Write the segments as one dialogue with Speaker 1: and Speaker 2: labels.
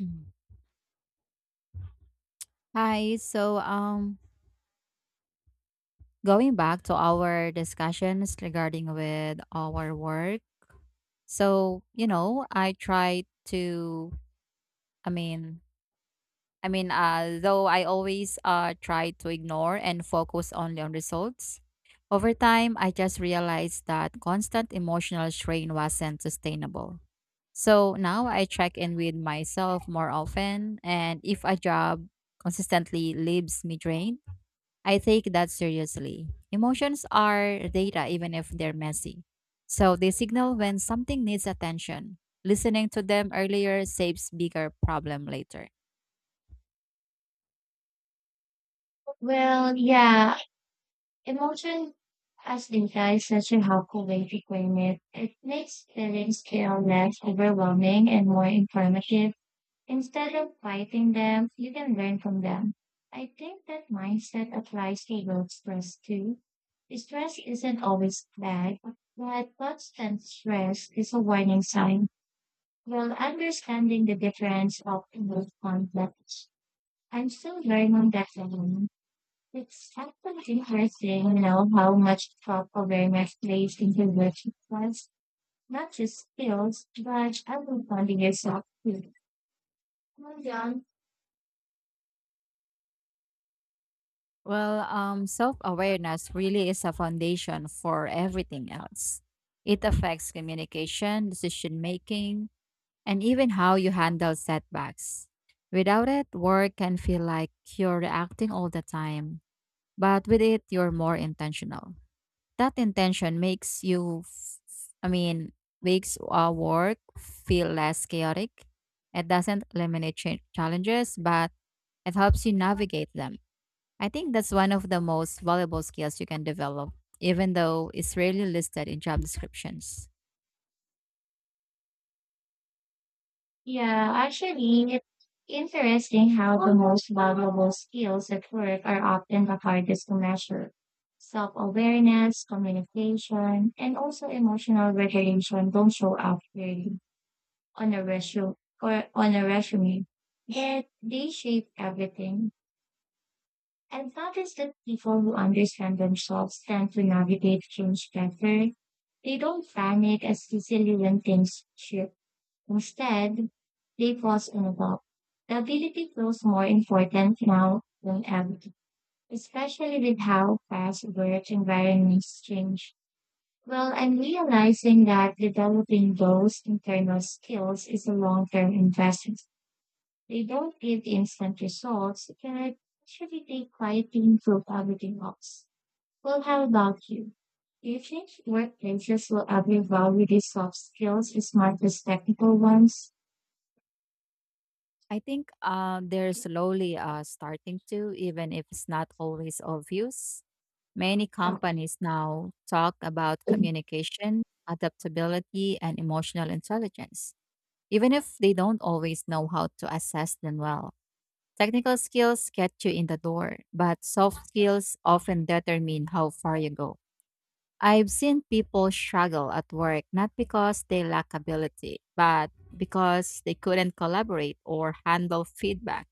Speaker 1: Mm. Hi. Going back to our discussions regarding with our work. So, you know, I try to, I mean, I mean, Though I always try to ignore and focus only on results. Over time, I just realized that constant emotional strain wasn't sustainable. So now I check in with myself more often, and if a job consistently leaves me drained, I take that seriously. Emotions are data, even if they're messy. So they signal when something needs attention. Listening to them earlier saves bigger problem later.
Speaker 2: Well, yeah, emotion as disguised such a helpful way to frame it. It makes feelings feel less overwhelming and more informative. Instead of fighting them, you can learn from them. I think that mindset applies to work stress too. Stress isn't always bad, but constant stress is a warning sign. Well, understanding the difference of both conflicts. I'm still learning that alone. It's actually interesting, you know, how much top awareness plays into virtue class, not just skills, but understanding yourself too. Well done.
Speaker 1: Well, self awareness really is a foundation for everything else. It affects communication, decision making, and even how you handle setbacks. Without it, work can feel like you're reacting all the time, but with it, you're more intentional. That intention makes you, f- I mean, makes our work feel less chaotic. It doesn't eliminate challenges, but it helps you navigate them. I think that's one of the most valuable skills you can develop, even though it's rarely listed in job descriptions.
Speaker 2: Yeah, actually, it's interesting how the most valuable skills at work are often the hardest to measure. Self awareness, communication, and also emotional regulation don't show up clearly on a resume or on a resume. Yet they shape everything. I've noticed that people who understand themselves tend to navigate change better. They don't panic as easily when things shift. Instead, they pause and evolve. The ability feels more important now than ever, especially with how fast work environments change. Well, I'm realizing that developing those internal skills is a long-term investment. They don't give instant results, it can actually take quiet to improve everything else. Well, how about you? Do you think workplaces will ever value these soft skills as much as technical ones?
Speaker 1: I think they're slowly starting to, even if it's not always obvious. Many companies now talk about communication, adaptability, and emotional intelligence, even if they don't always know how to assess them well. Technical skills get you in the door, but soft skills often determine how far you go. I've seen people struggle at work not because they lack ability, but because they couldn't collaborate or handle feedback.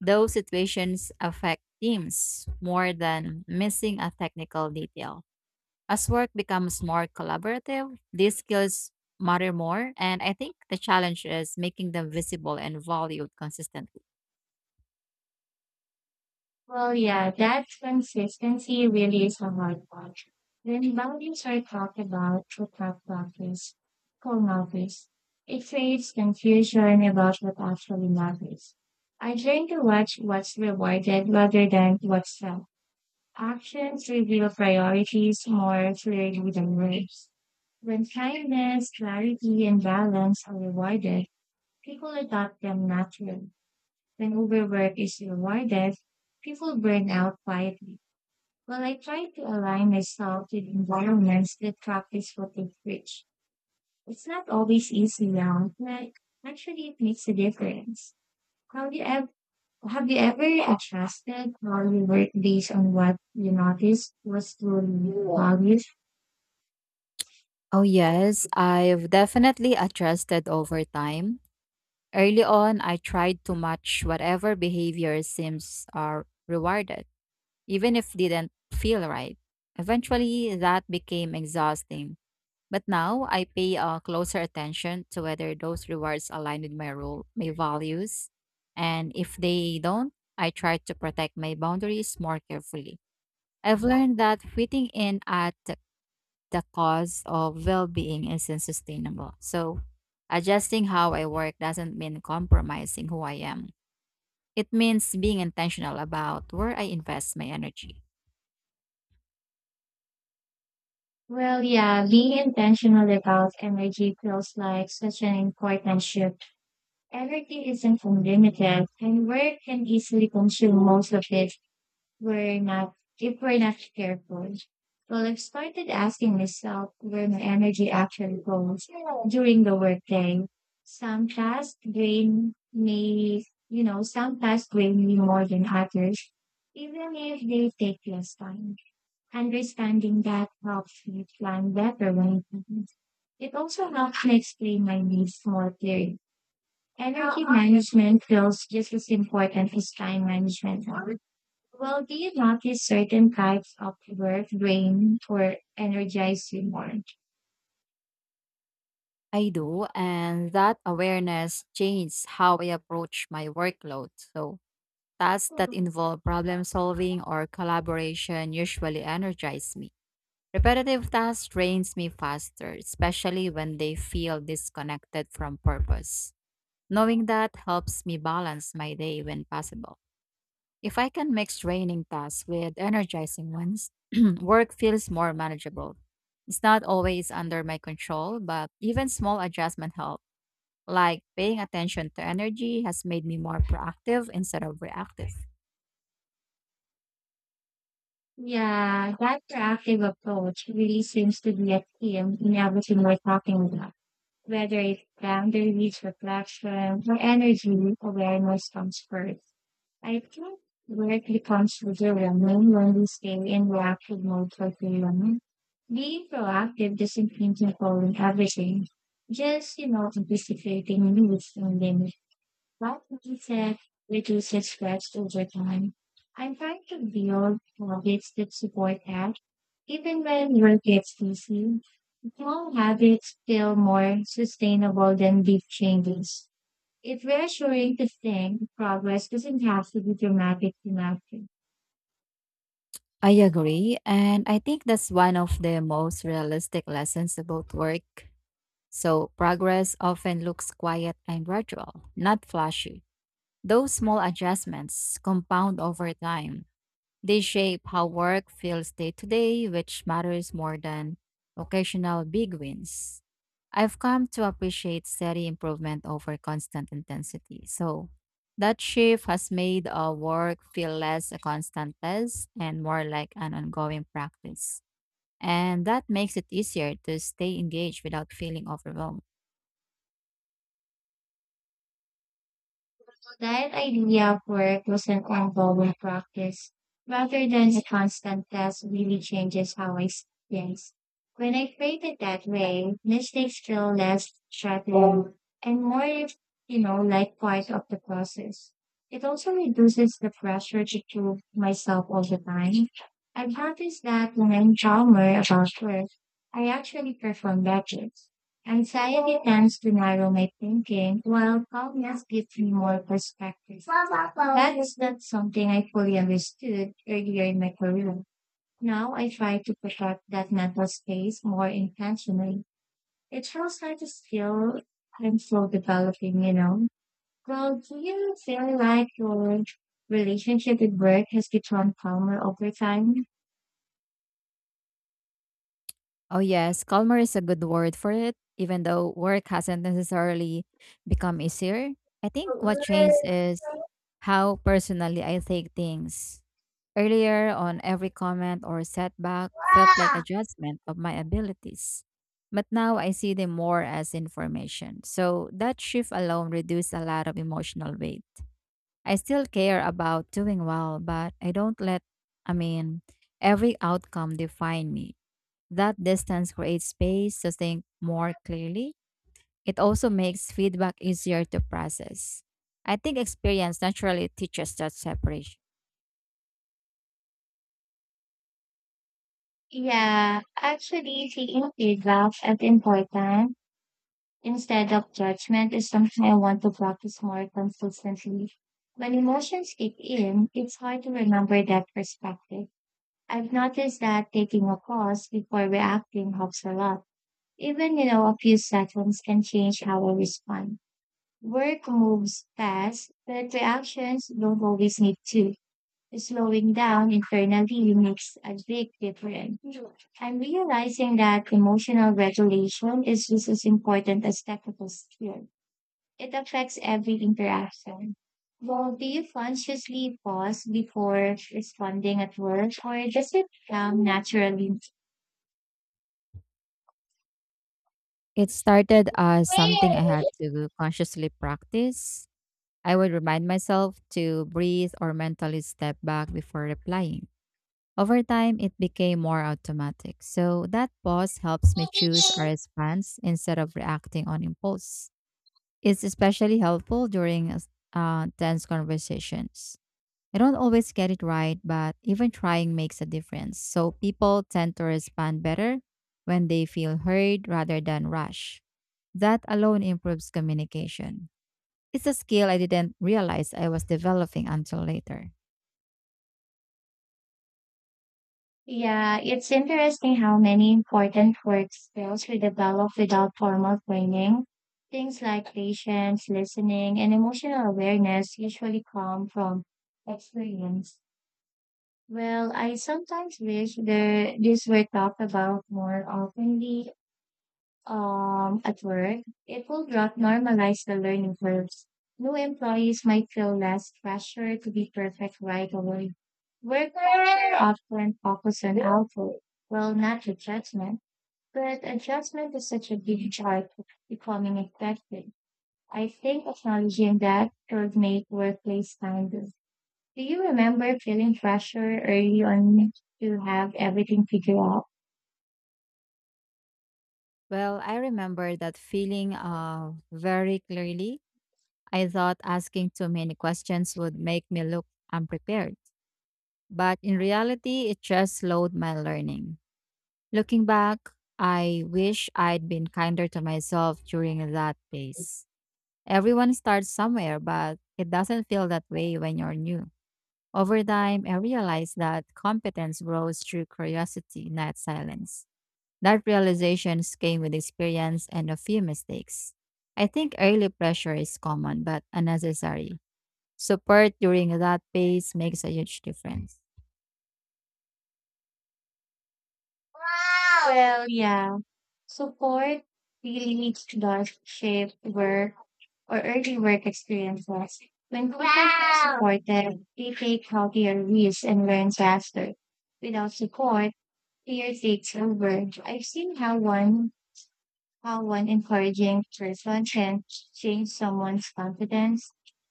Speaker 1: Those situations affect teams more than missing a technical detail. As work becomes more collaborative, these skills matter more, and I think the challenge is making them visible and valued consistently.
Speaker 2: Well, yeah, that consistency really is a hard part. When values are talked about through tough practice, full notice, it creates confusion about what actually matters. I try to watch what's rewarded rather than what's felt. Actions reveal priorities more clearly than words. When kindness, clarity, and balance are rewarded, people adopt them naturally. When overwork is rewarded, people burn out quietly. Well, I try to align myself with environments that practice what they preach. It's not always easy now, but actually it makes a difference. Have you ever have you ever adjusted how you work based on what you noticed was truly valued?
Speaker 1: Oh, yes, I've definitely adjusted over time. Early on, I tried to match whatever behavior seems are rewarded, even if didn't feel right. Eventually, that became exhausting. But now I pay closer attention to whether those rewards align with my role, my values, and if they don't, I try to protect my boundaries more carefully. I've learned that fitting in at the cost of well-being isn't sustainable. So, adjusting how I work doesn't mean compromising who I am. It means being intentional about where I invest my energy.
Speaker 2: Well, yeah, being intentional about energy feels like such an important shift. Everything isn't unlimited, and work can easily consume most of it. We're not, If we're not careful, well, I've started asking myself where my energy actually goes during the workday. Some tasks drain me more than others, even if they take less time. Understanding that helps me plan better when it happens. It also helps me explain my needs more clearly. Energy management feels just as important as time management. Well, do you notice certain types of work drain or energize you more?
Speaker 1: I do, and that awareness changes how I approach my workload. So, tasks that
Speaker 2: Mhm.
Speaker 1: involve problem solving or collaboration usually energize me. Repetitive tasks drains me faster, especially when they feel disconnected from purpose. Knowing that helps me balance my day when possible. If I can mix draining tasks with energizing ones, work feels more manageable. It's not always under my control, but even small adjustment help, like paying attention to energy, has made me more proactive instead of reactive.
Speaker 2: Yeah, that proactive approach really seems to be a theme in everything we're talking about. Whether it's boundaries, reflection, or energy, awareness comes first. I think work becomes overwhelming when we stay in reactive mode for too long. Being proactive doesn't mean controlling everything. Just, you know, anticipating needs and limits. That mindset reduces stress over time. I'm trying to build habits that support that. Even when work gets busy, small habits feel more sustainable than big changes. It's reassuring to think progress doesn't have to be dramatic enough.
Speaker 1: I agree. And I think that's one of the most realistic lessons about work. So, progress often looks quiet and gradual, not flashy. Those small adjustments compound over time. They shape how work feels day to day, which matters more than occasional big wins. I've come to appreciate steady improvement over constant intensity. So that shift has made our work feel less a constant test and more like an ongoing practice. And that makes it easier to stay engaged without feeling overwhelmed.
Speaker 2: That idea of work was an ongoing practice rather than a constant test really changes how I see things. When I phrase it that way, mistakes feel less threatening and more, you know, like part of the process. It also reduces the pressure to prove myself all the time. I've noticed that when I'm calmer about work, I actually perform better. Anxiety tends to narrow my thinking, while calmness gives me more perspective. That is not something I fully understood earlier in my career. Now I try to protect that mental space more intentionally. It feels like a skill I'm still developing, you know. Well, do you feel like your relationship with work has become calmer over time?
Speaker 1: Oh, yes. Calmer is a good word for it, even though work hasn't necessarily become easier. I think what changed is how personally I take things. Earlier on, every comment or setback felt like a judgment of my abilities. But now I see them more as information. So that shift alone reduced a lot of emotional weight. I still care about doing well, but I don't let, I mean, every outcome define me. That distance creates space to think more clearly. It also makes feedback easier to process. I think experience naturally teaches that separation.
Speaker 2: Yeah, actually, taking feedback as important instead of judgment is something I want to practice more consistently. When emotions kick in, it's hard to remember that perspective. I've noticed that taking a pause before reacting helps a lot. Even, you know, a few seconds can change how I respond. Work moves fast, but reactions don't always need to. Slowing down internally makes a big difference. I'm realizing that emotional regulation is just as important as technical skill. It affects every interaction. Well, do you consciously pause before responding at work, or does it come naturally?
Speaker 1: It started as something I had to consciously practice. I would remind myself to breathe or mentally step back before replying. Over time, it became more automatic. So that pause helps me choose a response instead of reacting on impulse. It's especially helpful during tense conversations. I don't always get it right, but even trying makes a difference. So people tend to respond better when they feel heard rather than rushed. That alone improves communication. It's a skill I didn't realize I was developing until later.
Speaker 2: Yeah, it's interesting how many important work skills we develop without formal training. Things like patience, listening, and emotional awareness usually come from experience. Well, I sometimes wish there, these were talked about more oftenly at work, it will help normalize the learning curves. New employees might feel less pressure to be perfect right away. Workers are often focused on output, well, not the judgment, but adjustment is such a big part of becoming effective. I think acknowledging that could make workplace kinder. Do you remember feeling pressure early on to have everything figured out?
Speaker 1: Well, I remember that feeling very clearly. I thought asking too many questions would make me look unprepared. But in reality, it just slowed my learning. Looking back, I wish I'd been kinder to myself during that phase. Everyone starts somewhere, but it doesn't feel that way when you're new. Over time, I realized that competence grows through curiosity, not silence. That realization came with experience and a few mistakes. I think early pressure is common but unnecessary. Support during that phase makes a huge difference.
Speaker 2: Well, yeah. So poet really needs to does shape work or early work experiences. When workers are supported, they take healthier risks and learn faster. Without support, fear takes over. I've seen how one encouraging person can change someone's confidence.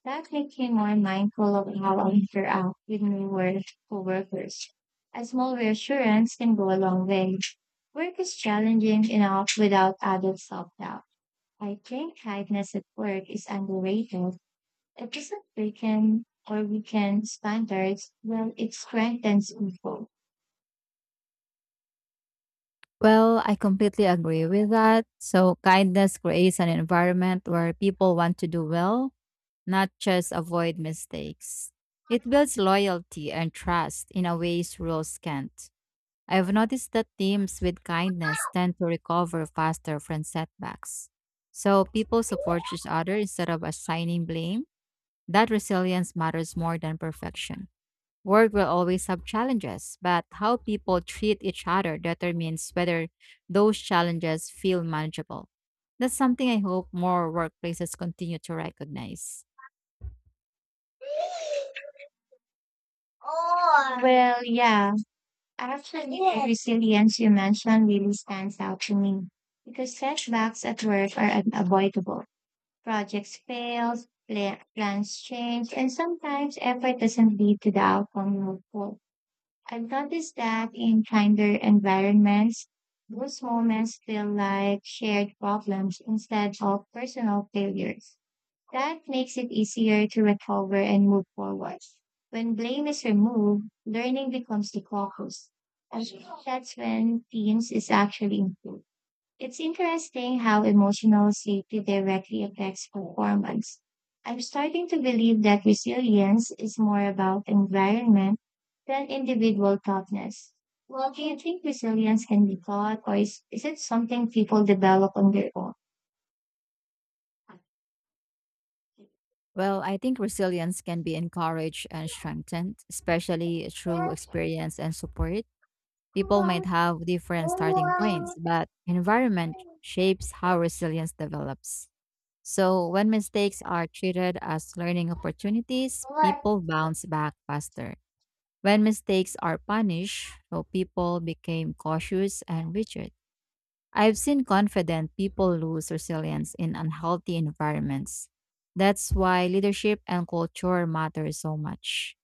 Speaker 2: That makes me more mindful of how I interact with new work coworkers. A small reassurance can go a long way. Work is challenging enough without added self doubt. I think kindness at work is underrated. It doesn't weaken or weaken standards, well, it strengthens people.
Speaker 1: Well, I completely agree with that. So, kindness creates an environment where people want to do well, not just avoid mistakes. It builds loyalty and trust in a ways rules can't. I have noticed that teams with kindness tend to recover faster from setbacks. So, people support each other instead of assigning blame. That resilience matters more than perfection. Work will always have challenges, but how people treat each other determines whether those challenges feel manageable. That's something I hope more workplaces continue to recognize.
Speaker 2: Well, yeah. Actually, the Yes. resilience you mentioned really stands out to me because setbacks at work are unavoidable. Projects fail, plans change, and sometimes effort doesn't lead to the outcome you hope for. I've noticed that in kinder environments, those moments feel like shared problems instead of personal failures. That makes it easier to recover and move forward. When blame is removed, learning becomes the focus. And that's when teams is actually improved. It's interesting how emotional safety directly affects performance. I'm starting to believe that resilience is more about environment than individual toughness. Well, do you think resilience can be taught, or is it something people develop on their own?
Speaker 1: Well, I think resilience can be encouraged and strengthened, especially through experience and support. People might have different starting points,
Speaker 2: Well,
Speaker 1: but environment shapes how resilience develops. So, when mistakes are treated as learning opportunities, people bounce back faster. When mistakes are punished, so people became cautious and rigid. I've seen confident people lose resilience in unhealthy environments. That's why leadership and culture matter so much.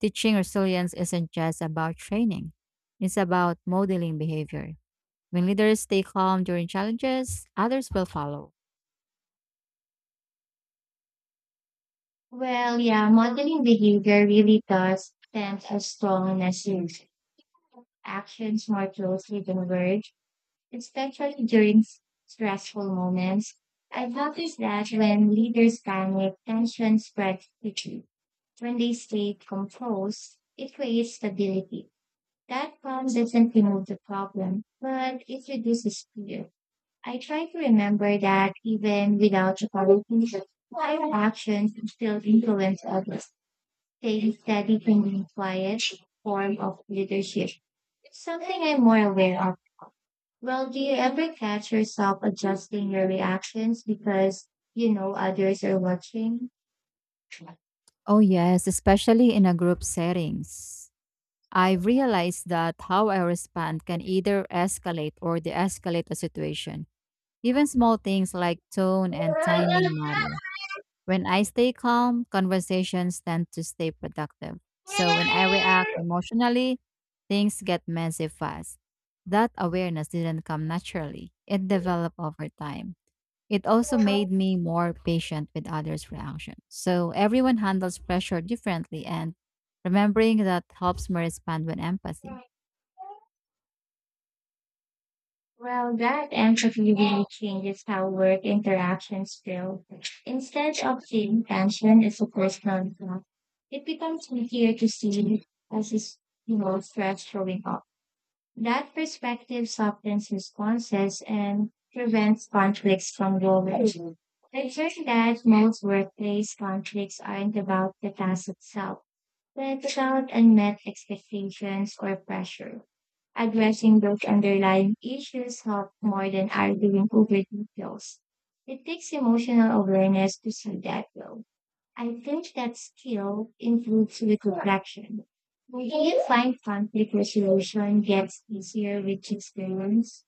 Speaker 1: Teaching resilience isn't just about training, it's about modeling behavior. When leaders stay calm during challenges, others will follow.
Speaker 2: yeah, modeling behavior really does tend as strong as. Actions more closely converge, especially during stressful moments. I've noticed that when leaders panic, tension spreads quickly. When they stay composed, it creates stability. That calm doesn't remove the problem, but it reduces fear. I try to remember that even without apologies, my actions still influence others. Staying steady can be a quiet form of leadership. It's something I'm more aware of. Well, do you ever catch yourself adjusting your reactions because you know others are watching?
Speaker 1: Oh, yes, especially in a group settings. I've realized that how I respond can either escalate or de escalate a situation. Even small things like tone and timing matter. When I stay calm, conversations tend to stay productive. So when I react emotionally, things get messy fast. That awareness didn't come naturally, it developed over time. It also made me more patient with others' reactions. So everyone handles pressure differently, and remembering that helps me respond with empathy.
Speaker 2: Well, that entropy really changes how work interactions feel. Instead of seeing tension as a personal attack, it becomes easier to see it as is, you know, stress showing up. That perspective softens responses and prevents conflicts from growing. I've heard that most workplace conflicts aren't about the task itself, but about unmet expectations or pressure. Addressing those underlying issues helps more than arguing over details. It takes emotional awareness to see that though. I think that skill improves with reflection. Do you find conflict resolution gets easier with experience?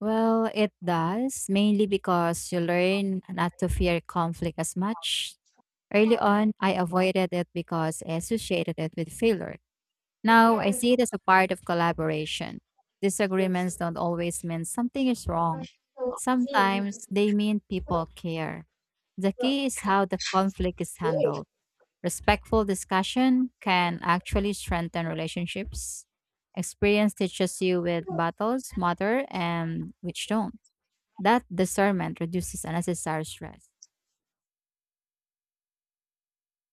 Speaker 1: Well, it does, mainly because you learn not to fear conflict as much. Early on, I avoided it because I associated it with failure. Now I see it as a part of collaboration. Disagreements don't always mean something is wrong, sometimes they mean people care. The key is how the conflict is handled. Respectful discussion can actually strengthen relationships. Experience teaches you which battles matter and which don't. That discernment reduces unnecessary stress.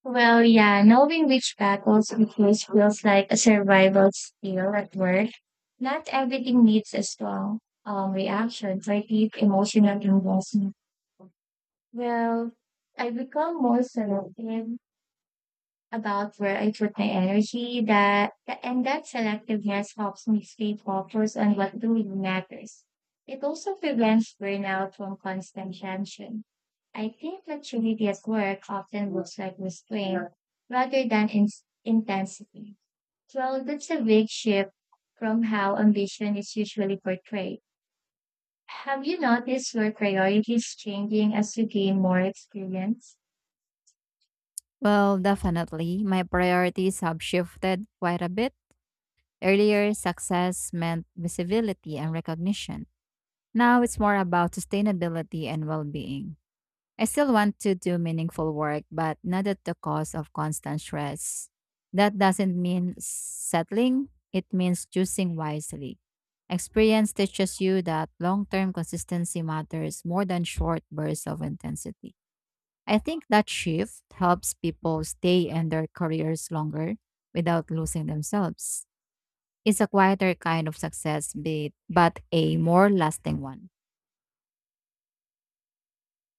Speaker 2: Well, yeah, knowing which battles we face feels like a survival skill at work. Not everything needs a strong reaction for deep emotional investment. Well, I become more selective about where I put my energy. That and that selectiveness helps me stay focused on what really matters. It also prevents burnout from constant tension. I think maturity at work often looks like restraint rather than intensity. Well, that's a big shift from how ambition is usually portrayed. Have you noticed your priorities changing as you gain more experience?
Speaker 1: Well, definitely, my priorities have shifted quite a bit. Earlier, success meant visibility and recognition. Now it's more about sustainability and well being. I still want to do meaningful work, but not at the cost of constant stress. That doesn't mean settling, it means choosing wisely. Experience teaches you that long term consistency matters more than short bursts of intensity. I think that shift helps people stay in their careers longer without losing themselves. It's a quieter kind of success, but a more lasting one.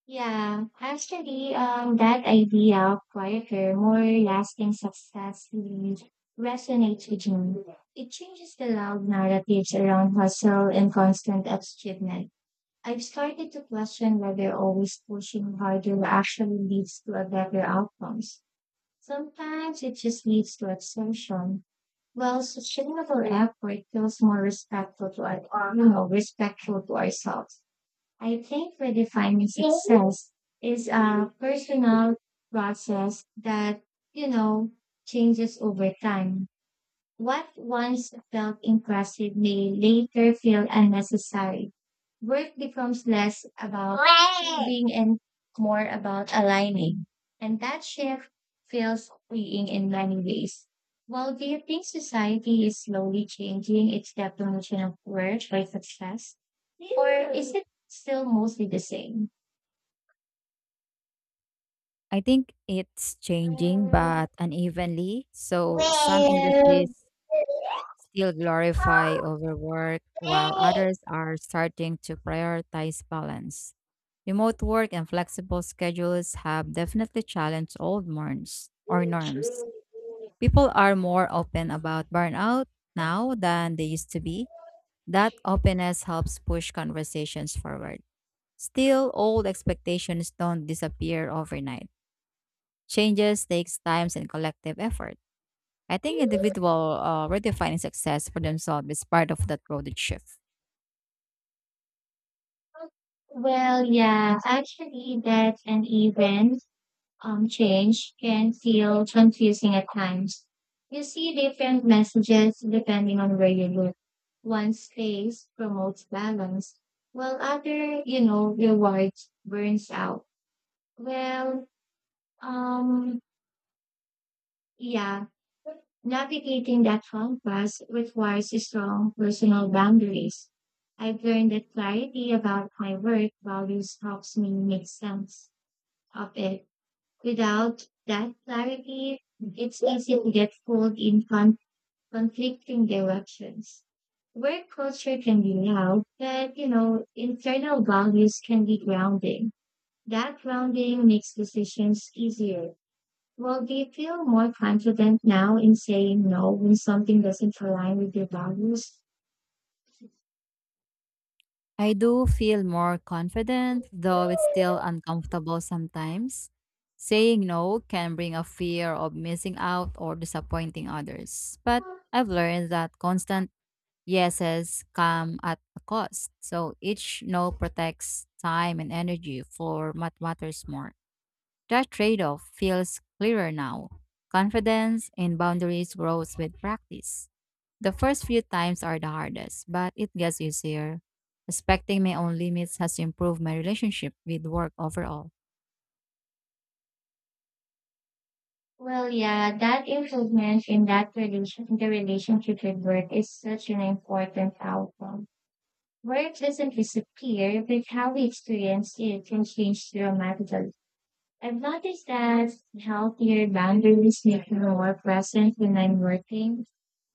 Speaker 2: Yeah, actually, that idea of quieter, more lasting success really resonates with me. It changes the loud narratives around hustle and constant achievement. I've started to question whether always pushing harder actually leads to a better outcomes. Sometimes it just leads to exhaustion. Well, sustainable effort feels more respectful to our, you know, respectful to ourselves. I think redefining success is a personal process that, you know, changes over time. What once felt impressive may later feel unnecessary. Work becomes less about proving and more about aligning. And that shift feels freeing in many ways. Well, do you think society is slowly changing its definition of work or success? Or is it still mostly the same?
Speaker 1: I think it's changing but unevenly. So some
Speaker 2: Well.
Speaker 1: industries still glorify overwork while others are starting to prioritize balance. Remote work and flexible schedules have definitely challenged old norms or norms. People are more open about burnout now than they used to be. That openness helps push conversations forward. Still, old expectations don't disappear overnight. Changes takes time and collective effort. I think individual redefining success for themselves is part of that broader shift.
Speaker 2: Well, yeah, actually, that an event change can feel confusing at times. You see different messages depending on where you look. One space promotes balance, while other, you know, rewards burns out. Well, um, yeah, navigating that contrast requires strong personal boundaries. I've learned that clarity about my work values helps me make sense of it. Without that clarity, it's easy to get pulled in conflicting directions. Work culture can be loud, but you know, internal values can be grounding. That grounding makes decisions easier. Well, do you feel more confident now in saying no when something doesn't align with your values?
Speaker 1: I do feel more confident, though it's still uncomfortable sometimes. Saying no can bring a fear of missing out or disappointing others. But I've learned that constant yeses come at a cost. So each no protects time and energy for what matters more. That trade off feels clearer now. Confidence in boundaries grows with practice. The first few times are the hardest, but it gets easier. Respecting my own limits has improved my relationship with work overall.
Speaker 2: Well, yeah, that improvement in that relation, in the relationship with work is such an important outcome. Work doesn't disappear, but how we experience it can change dramatically. I've noticed that healthier boundaries make me more present when I'm working.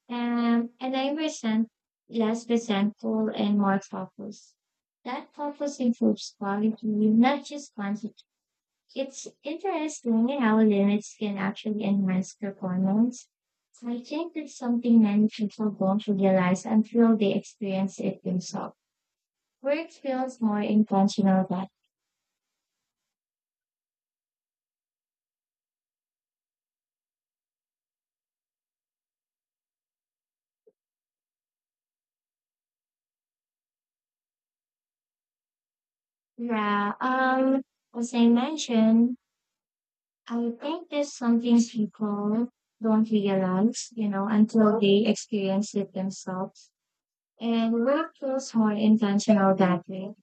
Speaker 2: And I resent less resentful and more focused. That focus improves quality, not just quantity. It's interesting how limits can actually enhance performance. So I think that's something many people don't realize until they experience it themselves. Work feels more intentional, but yeah, um, as I mentioned, I think there's something people don't realize, you know, until they experience it themselves. And work feels more intentional that way.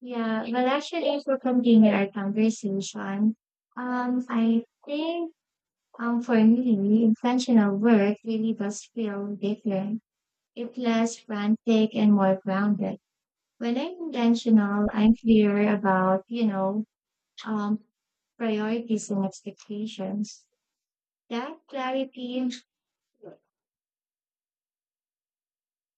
Speaker 2: Yeah, well, actually, to continue our conversation, I think for me, intentional work really does feel different. It's less frantic and more grounded. When I'm intentional, I'm clear about, you know, um, priorities and expectations. That clarity